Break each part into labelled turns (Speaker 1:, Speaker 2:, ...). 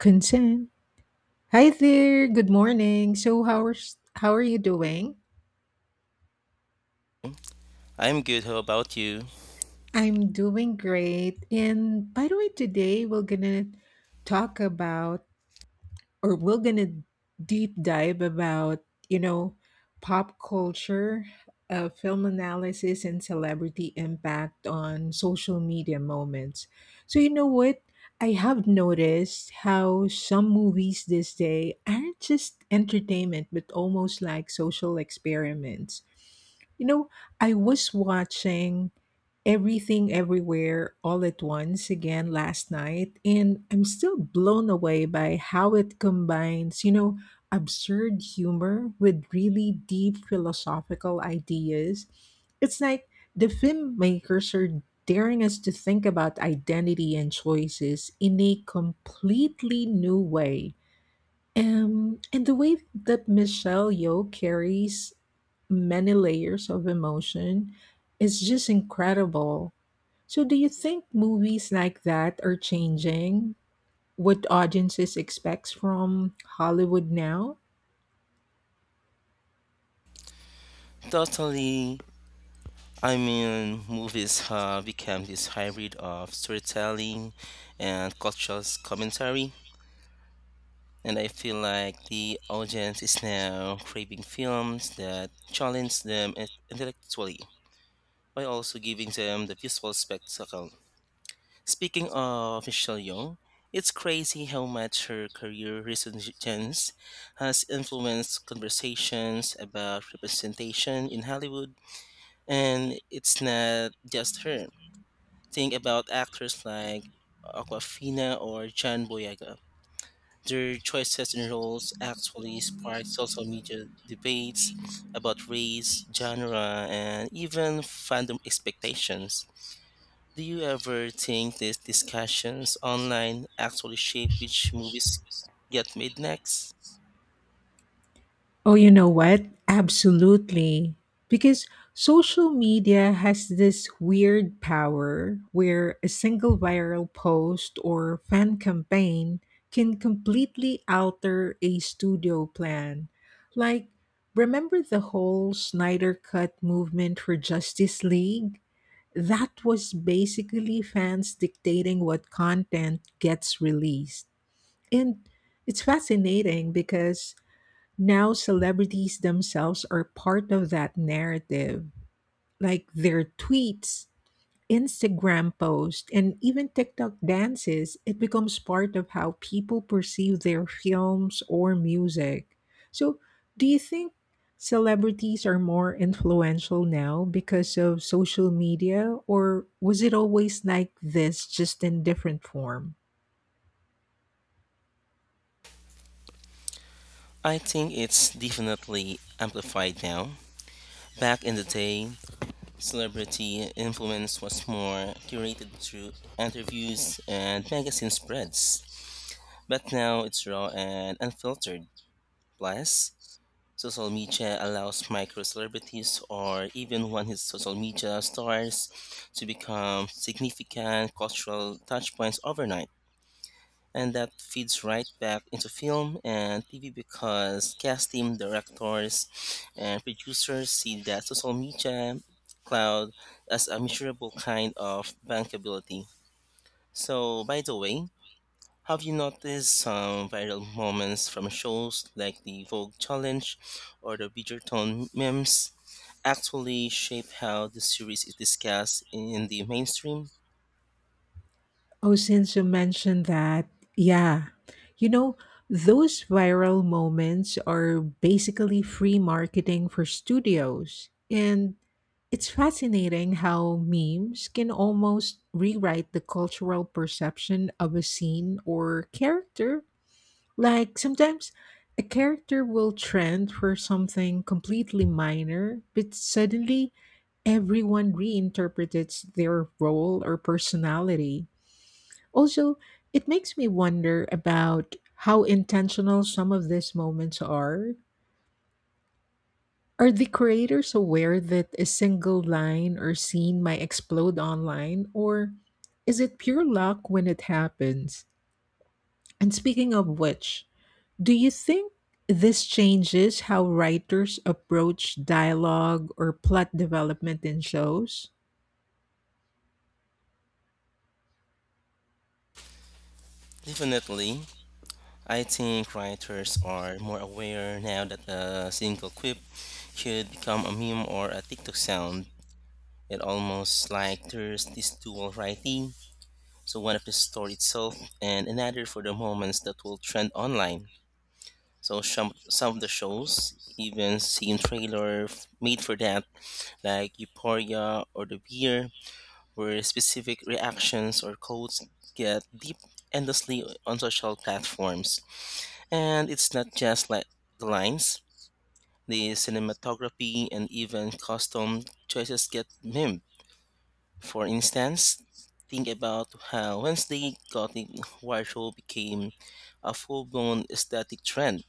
Speaker 1: Consent. Hi there. Good morning. So how are you doing?
Speaker 2: I'm good. How about you?
Speaker 1: I'm doing great. And by the way, today we're gonna talk about or we're gonna deep dive about pop culture, film analysis, and celebrity impact on social media moments. So you know what, I have noticed how some movies this day aren't just entertainment but almost like social experiments, you know. I was watching Everything Everywhere All at Once again last night, and I'm still blown away by how it combines, absurd humor with really deep philosophical ideas. It's like the filmmakers are daring us to think about identity and choices in a completely new way. And the way that Michelle Yeoh carries many layers of emotion is just incredible. So do you think movies like that are changing what audiences expects from Hollywood now?
Speaker 2: Totally. I mean, movies have become this hybrid of storytelling and cultural commentary. And I feel like the audience is now craving films that challenge them intellectually while also giving them the visual spectacle. Speaking of Michelle Yeoh, it's crazy how much her career resurgence has influenced conversations about representation in Hollywood. And it's not just her. Think about actors like Aquafina or John Boyega. Their choices in roles actually sparked social media debates about race, genre, and even fandom expectations. Do you ever think these discussions online actually shape which movies get made next?
Speaker 1: Oh, you know what? Absolutely. Because social media has this weird power where a single viral post or fan campaign can completely alter a studio plan. Like, remember the whole Snyder Cut movement for Justice League? That was basically fans dictating what content gets released. And it's fascinating because now celebrities themselves are part of that narrative. Like their tweets, Instagram posts, and even TikTok dances, it becomes part of how people perceive their films or music. So, do you think celebrities are more influential now because of social media, or was it always like this, just in different form?
Speaker 2: I think it's definitely amplified now. Back in the day, celebrity influence was more curated through interviews and magazine spreads, but now it's raw and unfiltered. Plus, social media allows micro celebrities or even one hit social media stars to become significant cultural touchpoints overnight. And that feeds right back into film and TV because casting directors and producers see that social media cloud as a measurable kind of bankability. So, by the way, have you noticed some viral moments from shows like the Vogue Challenge or the Bridgerton memes actually shape how the series is discussed in the mainstream?
Speaker 1: Oh, since you mentioned that, yeah, you know, those viral moments are basically free marketing for studios. And it's fascinating how memes can almost rewrite the cultural perception of a scene or character. Like sometimes a character will trend for something completely minor, but suddenly everyone reinterprets their role or personality. Also, it makes me wonder about how intentional some of these moments are. Are the creators aware that a single line or scene might explode online, or is it pure luck when it happens? And speaking of which, do you think this changes how writers approach dialogue or plot development in shows?
Speaker 2: Definitely. I think writers are more aware now that a single quip could become a meme or a TikTok sound. It almost like there's this dual writing. So one of the story itself and another for the moments that will trend online. So some of the shows even seen made for that, like Euphoria or The Beer, where specific reactions or codes get deep endlessly on social platforms. And it's not just like the lines, the cinematography and even costume choices get mimed. For instance, think about how Wednesday Gothic war became a full blown aesthetic trend.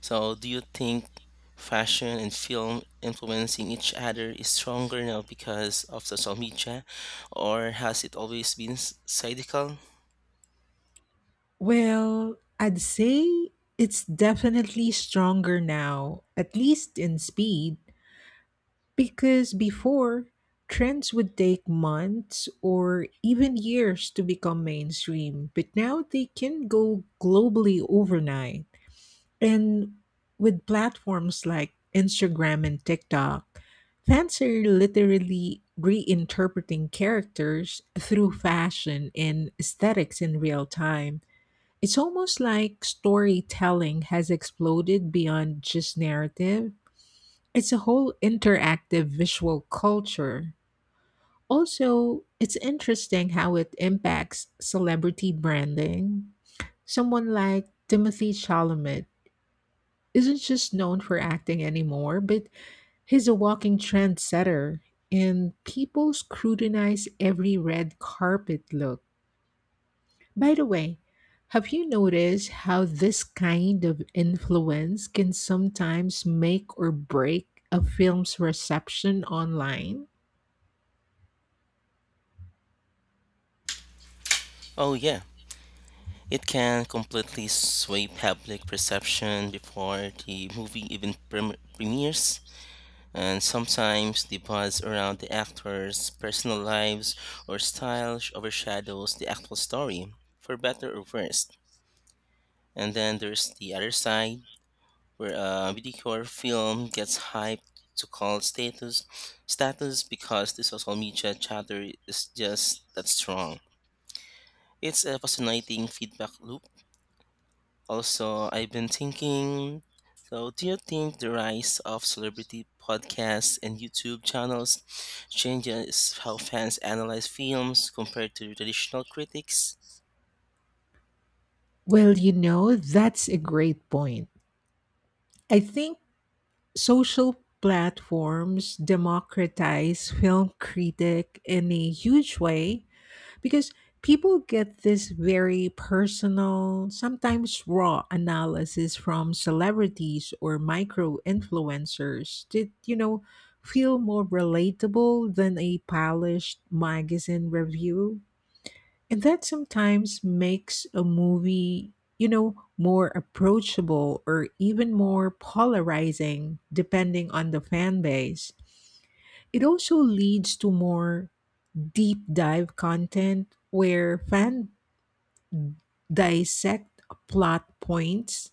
Speaker 2: So, do you think fashion and film influencing each other is stronger now because of social media, or has it always been cyclical?
Speaker 1: Well, I'd say it's definitely stronger now, at least in speed. Because before, trends would take months or even years to become mainstream, but now they can go globally overnight. And with platforms like Instagram and TikTok, fans are literally reinterpreting characters through fashion and aesthetics in real time. It's almost like storytelling has exploded beyond just narrative, it's a whole interactive visual culture. Also, it's interesting how it impacts celebrity branding. Someone like Timothy Chalamet isn't just known for acting anymore, but he's a walking trendsetter, and people scrutinize every red carpet look. By the way, have you noticed how this kind of influence can sometimes make or break a film's reception online?
Speaker 2: Oh, yeah. It can completely sway public perception before the movie even premieres, and sometimes the buzz around the actors' personal lives or style overshadows the actual story, for better or worse. And then there's the other side, where a mediocre film gets hyped to cult status because the social media chatter is just that strong. It's a fascinating feedback loop. Also, I've been thinking, so, do you think the rise of celebrity podcasts and YouTube channels changes how fans analyze films compared to traditional critics?
Speaker 1: Well, you know, that's a great point. I think social platforms democratize film critic in a huge way because people get this very personal, sometimes raw analysis from celebrities or micro influencers that, you know, feel more relatable than a polished magazine review. And that sometimes makes a movie, you know, more approachable or even more polarizing depending on the fan base. It also leads to more deep dive content where fans dissect plot points,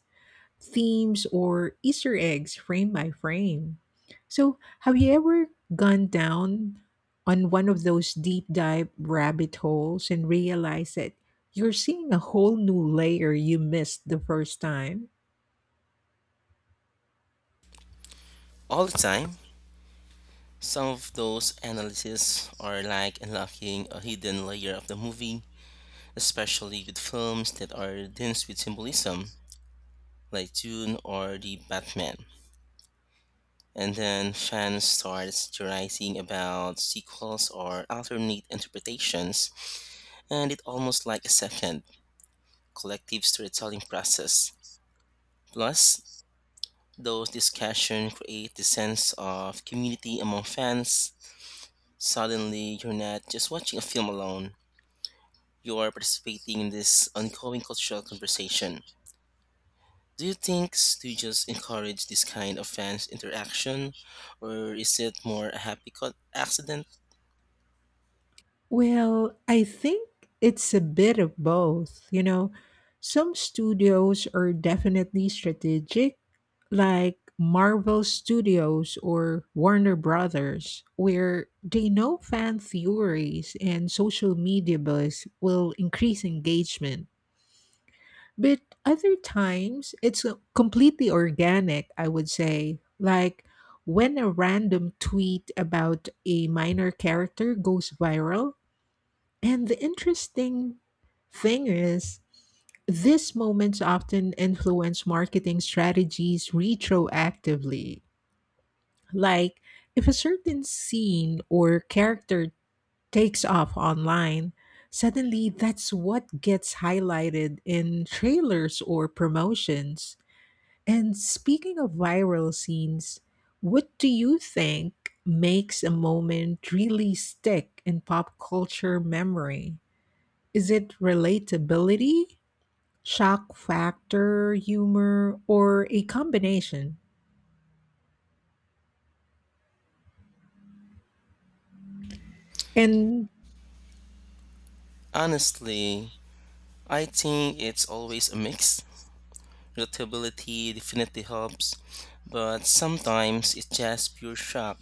Speaker 1: themes, or Easter eggs frame by frame. So, have you ever gone down on one of those deep dive rabbit holes and realized that you're seeing a whole new layer you missed the first time?
Speaker 2: All the time, some of those analyses are like unlocking a hidden layer of the movie, especially with films that are dense with symbolism, like Dune or The Batman. And then fans start theorizing about sequels or alternate interpretations and it almost like a second collective storytelling process. Plus, those discussions create the sense of community among fans. Suddenly, you're not just watching a film alone, you are participating in this ongoing cultural conversation. Do you think studios encourage this kind of fans interaction, or is it more a happy accident?
Speaker 1: Well, I think it's a bit of both. You know, some studios are definitely strategic, like Marvel Studios or Warner Brothers, where they know fan theories and social media buzz will increase engagement. But other times, it's completely organic, I would say. Like when a random tweet about a minor character goes viral, and the interesting thing is, these moments often influence marketing strategies retroactively. Like, if a certain scene or character takes off online, suddenly that's what gets highlighted in trailers or promotions. And speaking of viral scenes, what do you think makes a moment really stick in pop culture memory? Is it relatability, shock factor, humor, or a combination? And,
Speaker 2: Honestly, I think it's always a mix. Relatability definitely helps, but sometimes it's just pure shock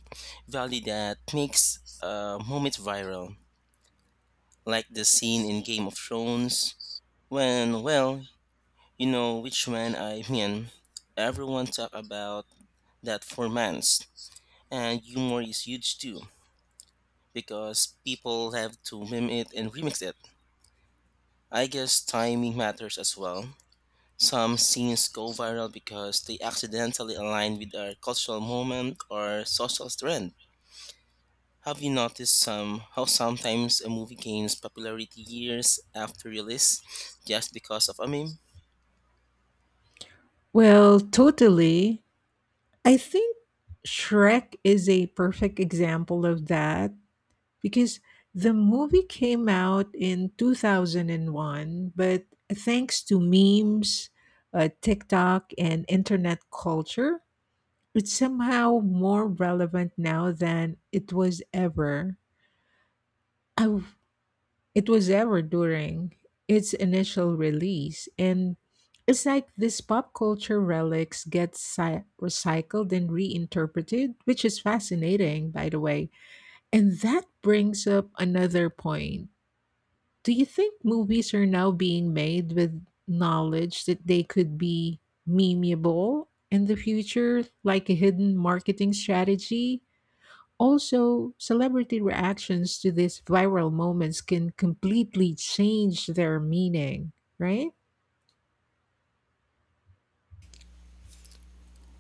Speaker 2: value that makes a moment viral, like the scene in Game of Thrones when, well, you know which one I mean. Everyone talk about that for months, and humor is huge too because people have to meme it and remix it. I guess timing matters as well. Some scenes go viral because they accidentally align with a cultural moment or social trend. Have you noticed some how sometimes a movie gains popularity years after release just because of a meme?
Speaker 1: well, totally. I think Shrek is a perfect example of that because the movie came out in 2001, but thanks to memes, TikTok, and internet culture, it's somehow more relevant now than I It was ever during its initial release, and it's like these pop culture relics get recycled and reinterpreted, which is fascinating, by the way. And that brings up another point. Do you think movies are now being made with knowledge that they could be memeable in the future, like a hidden marketing strategy? Also, celebrity reactions to these viral moments can completely change their meaning, right?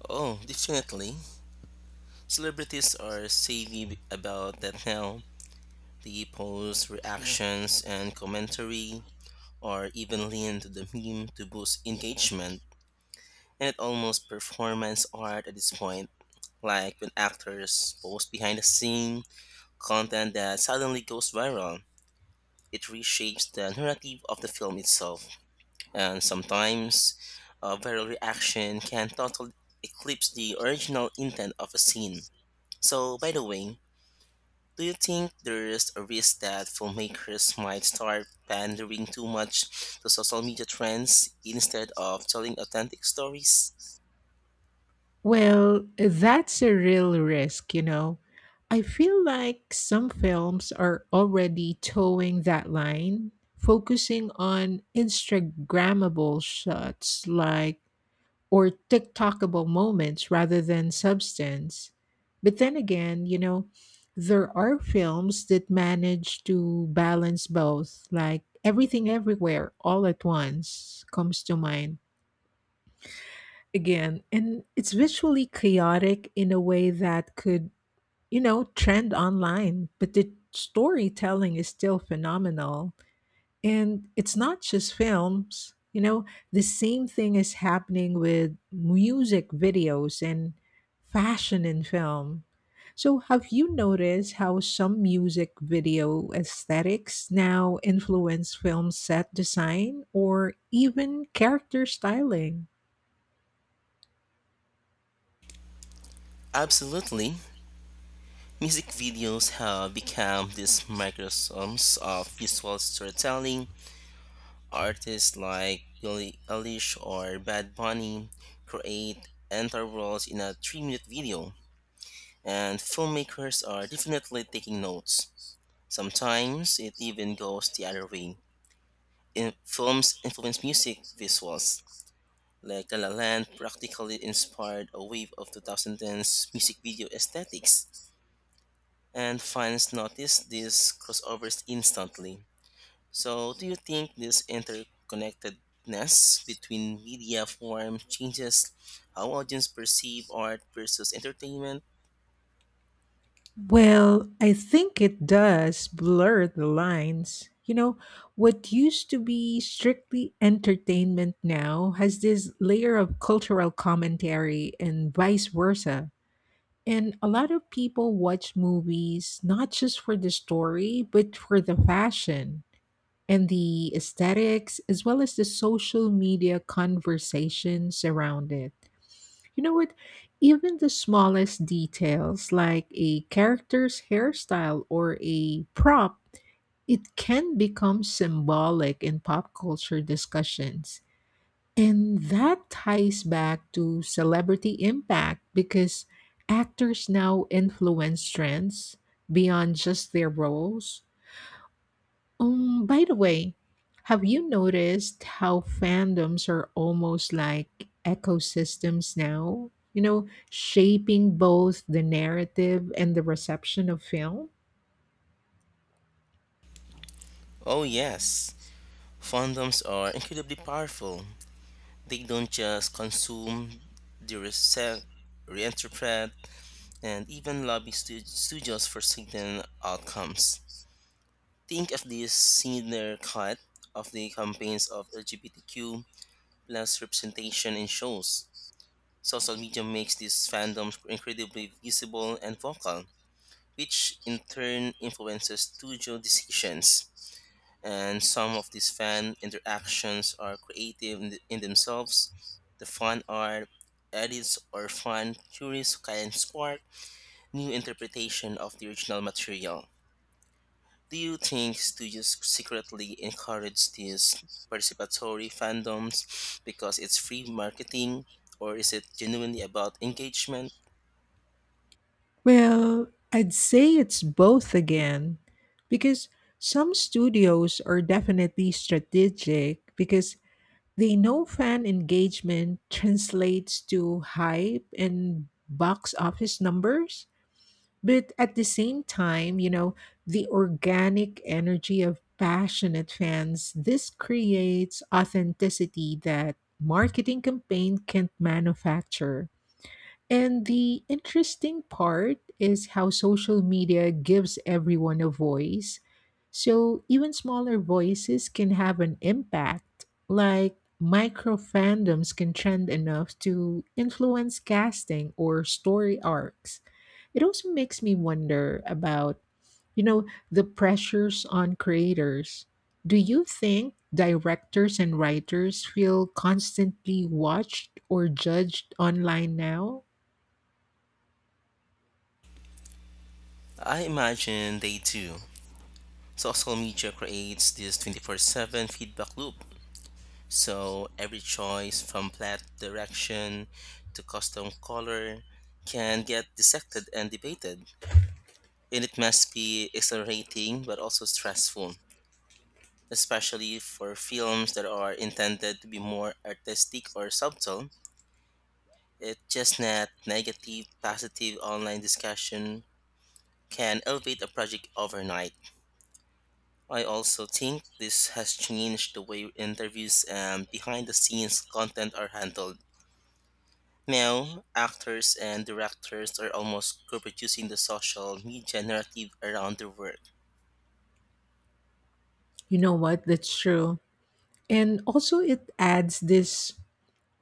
Speaker 2: Oh, definitely. Celebrities are savvy about that now. They post reactions and commentary or even lean to the meme to boost engagement. And it almost performance art at this point. Like when actors post behind the scene content that suddenly goes viral, it reshapes the narrative of the film itself. And sometimes a viral reaction can totally eclipse the original intent of a scene. So, by the way, do you think there's a risk that filmmakers might start pandering too much to social media trends instead of telling authentic stories?
Speaker 1: Well, that's a real risk, you know. I feel like some films are already towing that line, focusing on Instagrammable shots like or TikTokable moments rather than substance. But then again, you know, there are films that manage to balance both, like Everything Everywhere All at Once comes to mind again. And it's visually chaotic in a way that could, you know, trend online, but the storytelling is still phenomenal. And it's not just films, you know, the same thing is happening with music videos and fashion in film. So, have you noticed how some music video aesthetics now influence film set design or even character styling?
Speaker 2: Absolutely. Music videos have become these microcosms of visual storytelling. Artists like Billie Eilish or Bad Bunny create entire worlds in a 3 minute video, and filmmakers are definitely taking notes. Sometimes it even goes the other way. In films influence music visuals, like La La Land practically inspired a wave of 2010's music video aesthetics. And fans notice these crossovers instantly. So, do you think this interconnectedness between media form changes how audience perceive art versus entertainment?
Speaker 1: Well, I think it does blur the lines. You know, what used to be strictly entertainment now has this layer of cultural commentary and vice versa. And a lot of people watch movies not just for the story, but for the fashion and the aesthetics, as well as the social media conversations around it. You know what? Even the smallest details, like a character's hairstyle or a prop, it can become symbolic in pop culture discussions. And that ties back to celebrity impact because actors now influence trends beyond just their roles. By the way, have you noticed how fandoms are almost like ecosystems now? You know, shaping both the narrative and the reception of film?
Speaker 2: Oh, yes. Fandoms are incredibly powerful. They don't just consume, they resect, reinterpret, and even lobby studios for certain outcomes. Think of this senior cut of the campaigns of LGBTQ less representation in shows. Social media makes these fandoms incredibly visible and vocal, which in turn influences studio decisions. And some of these fan interactions are creative in themselves. The fan art, edits, or fan theories can spark new interpretation of the original material. Do you think studios secretly encourage these participatory fandoms because it's free marketing, or is it genuinely about engagement?
Speaker 1: Well, I'd say it's both again, because some studios are definitely strategic because the no fan engagement translates to hype and box office numbers, but at the same time, you know, the organic energy of passionate fans, this creates authenticity that marketing campaign can't manufacture. And the interesting part is how social media gives everyone a voice. So even smaller voices can have an impact. Like micro fandoms can trend enough to influence casting or story arcs. It also makes me wonder about, you know, the pressures on creators. Do you think directors and writers feel constantly watched or judged online now?
Speaker 2: I imagine they do. Social media creates this 24/7 feedback loop. So every choice from flat direction to custom color can get dissected and debated. And it must be exhilarating but also stressful, especially for films that are intended to be more artistic or subtle. It just that negative, positive online discussion can elevate a project overnight. I also think this has changed the way interviews and behind the scenes content are handled. Now, actors and directors are almost co producing the social media narrative around their work.
Speaker 1: You know what? That's true. And also, it adds this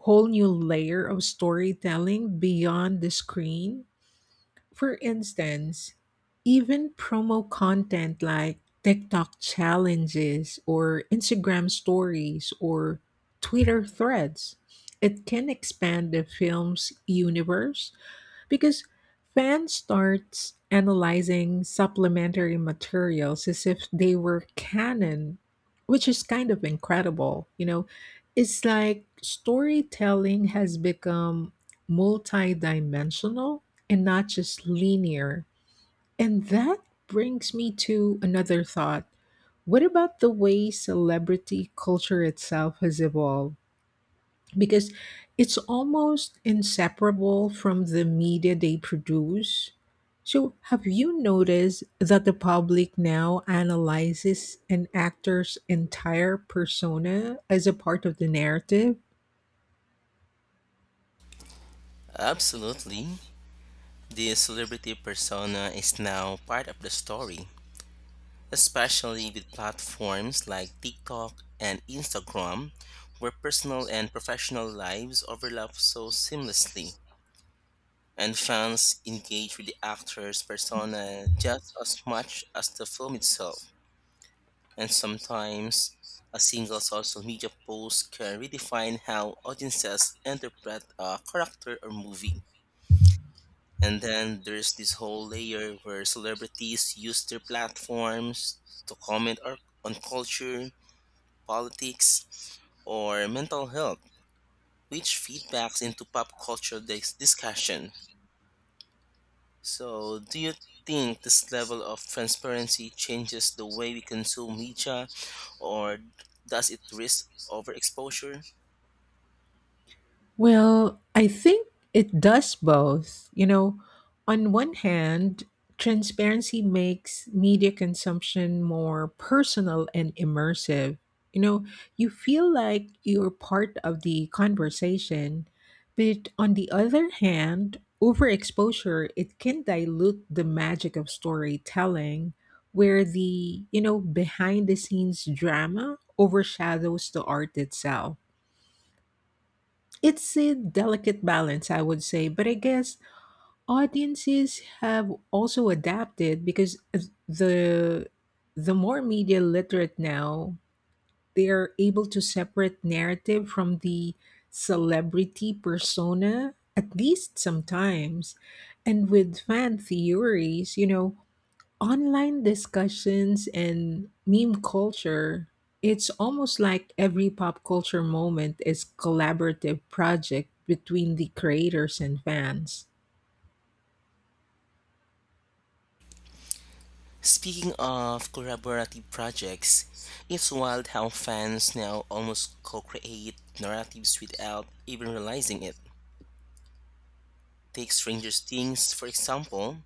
Speaker 1: whole new layer of storytelling beyond the screen. For instance, even promo content like TikTok challenges or Instagram stories or Twitter threads, it can expand the film's universe because fans starts analyzing supplementary materials as if they were canon, which is kind of incredible. You know, it's like storytelling has become multidimensional and not just linear. And that brings me to another thought. What about the way celebrity culture itself has evolved? Because it's almost inseparable from the media they produce. So, have you noticed that the public now analyzes an actor's entire persona as a part of the narrative?
Speaker 2: Absolutely. The celebrity persona is now part of the story, especially with platforms like TikTok and Instagram, where personal and professional lives overlap so seamlessly. And fans engage with the actor's persona just as much as the film itself. And sometimes, a single social media post can redefine how audiences interpret a character or movie. And then there's this whole layer where celebrities use their platforms to comment or on culture, politics, or mental health, which feedbacks into pop culture discussion. So, do you think this level of transparency changes the way we consume media, or does it risk overexposure?
Speaker 1: Well, I think it does both. You know, on one hand, transparency makes media consumption more personal and immersive. You know, you feel like you're part of the conversation, but on the other hand, overexposure it can dilute the magic of storytelling where the, you know, behind the scenes drama overshadows the art itself. It's a delicate balance, I would say, but I guess audiences have also adapted because the the more media literate now, they are able to separate narrative from the celebrity persona, at least sometimes. And with fan theories, you know, online discussions and meme culture, it's almost like every pop culture moment is collaborative project between the creators and fans.
Speaker 2: Speaking of collaborative projects, it's wild how fans now almost co create narratives without even realizing it. Take Stranger Things, for example.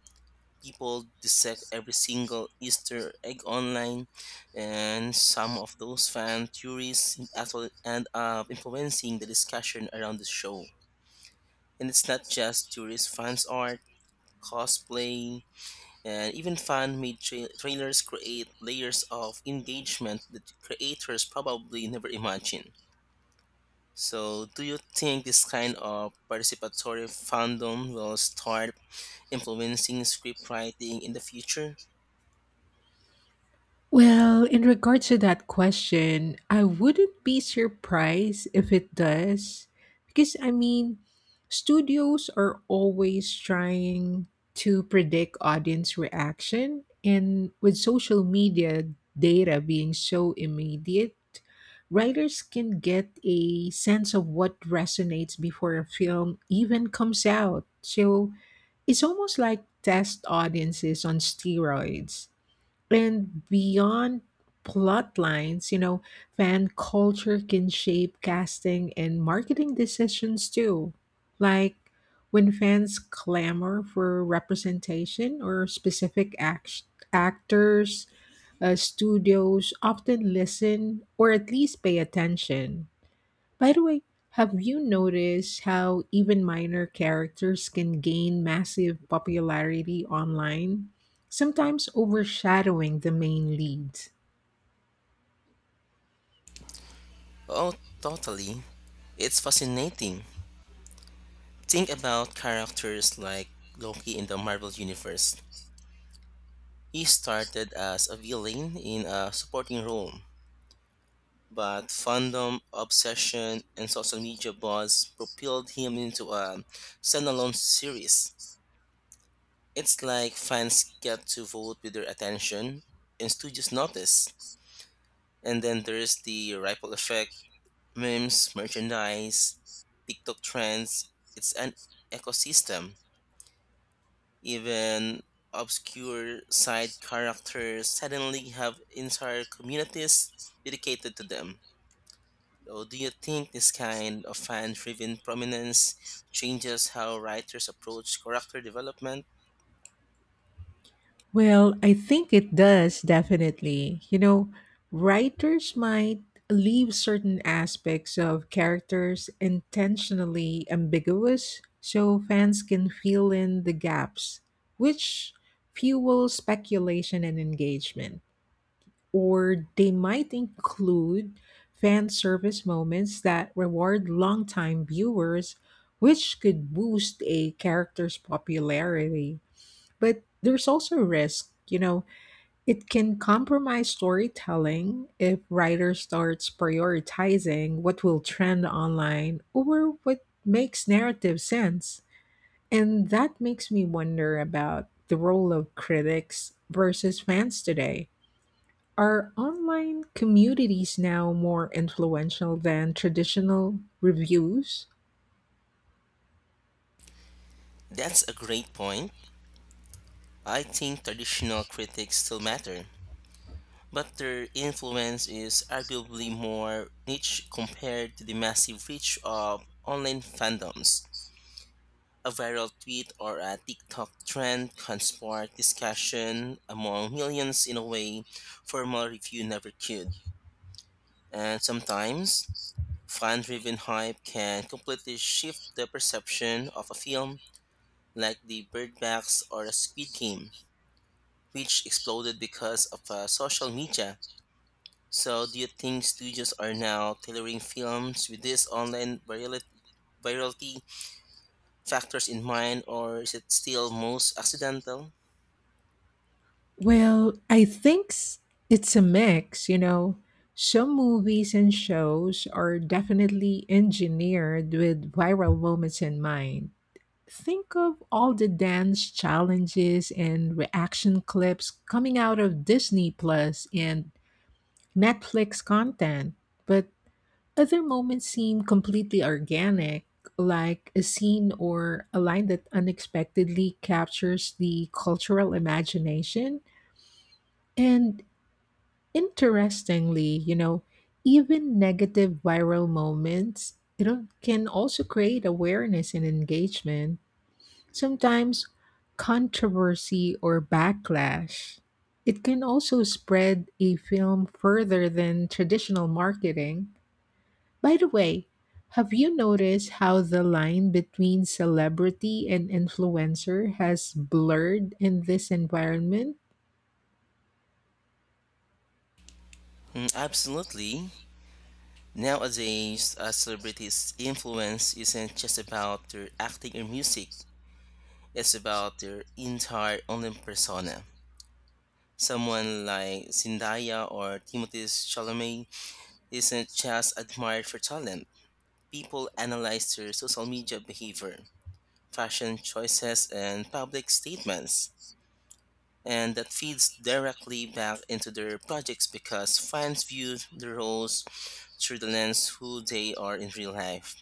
Speaker 2: People dissect every single Easter egg online, and some of those fan theories actually end up influencing the discussion around the show. And it's not just tourist fans art, cosplay, and even fan-made trailers create layers of engagement that creators probably never imagined. So, do you think this kind of participatory fandom will start influencing script writing in the future?
Speaker 1: Well, in regards to that question, I wouldn't be surprised if it does. Because, I mean, studios are always trying to predict audience reaction. And with social media data being so immediate, writers can get a sense of what resonates before a film even comes out. So it's almost like test audiences on steroids. And beyond plot lines, you know, fan culture can shape casting and marketing decisions too. Like when fans clamor for representation or actors, studios often listen or at least pay attention. By the way, have you noticed how even minor characters can gain massive popularity online, sometimes overshadowing the main leads?
Speaker 2: Oh, totally. It's fascinating. Think about characters like Loki in the Marvel Universe. He started as a villain in a supporting role, but fandom, obsession, and social media buzz propelled him into a standalone series. It's like fans get to vote with their attention, and studios notice. And then there's the ripple effect, memes, merchandise, TikTok trends. It's an ecosystem. Even obscure side characters suddenly have entire communities dedicated to them. So, do you think this kind of fan driven prominence changes how writers approach character development?
Speaker 1: Well, I think it does definitely. You know, writers might leave certain aspects of characters intentionally ambiguous so fans can fill in the gaps, which fuels speculation and engagement. Or they might include fan service moments that reward longtime viewers, which could boost a character's popularity. But there's also risk, you know, it can compromise storytelling if writer starts prioritizing what will trend online or what makes narrative sense. And that makes me wonder about the role of critics versus fans today. Are online communities now more influential than traditional reviews?
Speaker 2: That's a great point. I think traditional critics still matter, but their influence is arguably more niche compared to the massive reach of online fandoms. A viral tweet or a TikTok trend can spark discussion among millions in a way formal review never could. And sometimes, fan driven hype can completely shift the perception of a film, like the Birdbox or a Squid Game, which exploded because of social media. So, do you think studios are now tailoring films with this online virality factors in mind, or is it still most accidental?
Speaker 1: Well, I think it's a mix, you know. Some movies and shows are definitely engineered with viral moments in mind. Think of all the dance challenges and reaction clips coming out of Disney Plus and Netflix content. But other moments seem completely organic, like a scene or a line that unexpectedly captures the cultural imagination. And interestingly, you know, even negative viral moments, you know, can also create awareness and engagement, sometimes controversy or backlash. It can also spread a film further than traditional marketing. By the way, have you noticed how the line between celebrity and influencer has blurred in this environment?
Speaker 2: Mm, absolutely. Nowadays, a celebrity's influence isn't just about their acting or music, it's about their entire online persona. Someone like Zendaya or Timothée Chalamet isn't just admired for talent. People analyze their social media behavior, fashion choices, and public statements. And that feeds directly back into their projects because fans view the roles through the lens who they are in real life.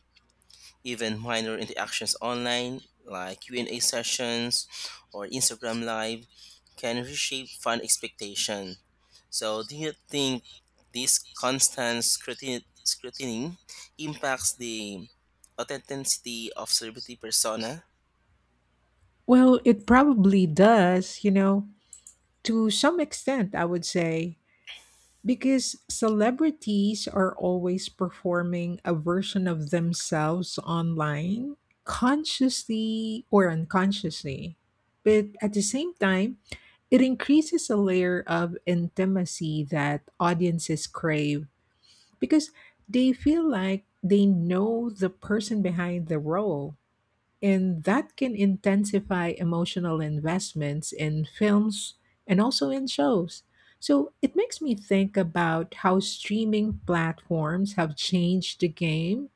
Speaker 2: Even minor interactions online like q&a sessions or instagram live can reshape fan expectation. So do you think this constant scrutiny impacts the authenticity of celebrity persona?
Speaker 1: Well, it probably does, you know, to some extent, I would say, because celebrities are always performing a version of themselves online, consciously or unconsciously. But at the same time, it increases a layer of intimacy that audiences crave because they feel like they know the person behind the role. And that can intensify emotional investments in films and also in shows. So it makes me think about how streaming platforms have changed the game.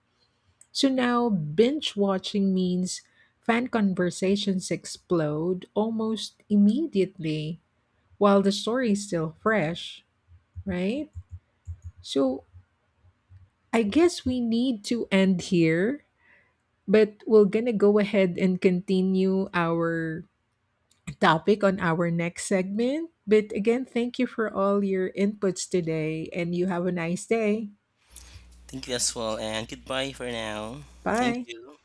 Speaker 1: So now binge watching means fan conversations explode almost immediately while the story is still fresh, right? So I guess we need to end here, but we're going to go ahead and continue our topic on our next segment. But again, thank you for all your inputs today, and you have a nice day.
Speaker 2: Thank you as well and goodbye for now. Thank
Speaker 1: Bye.
Speaker 2: you.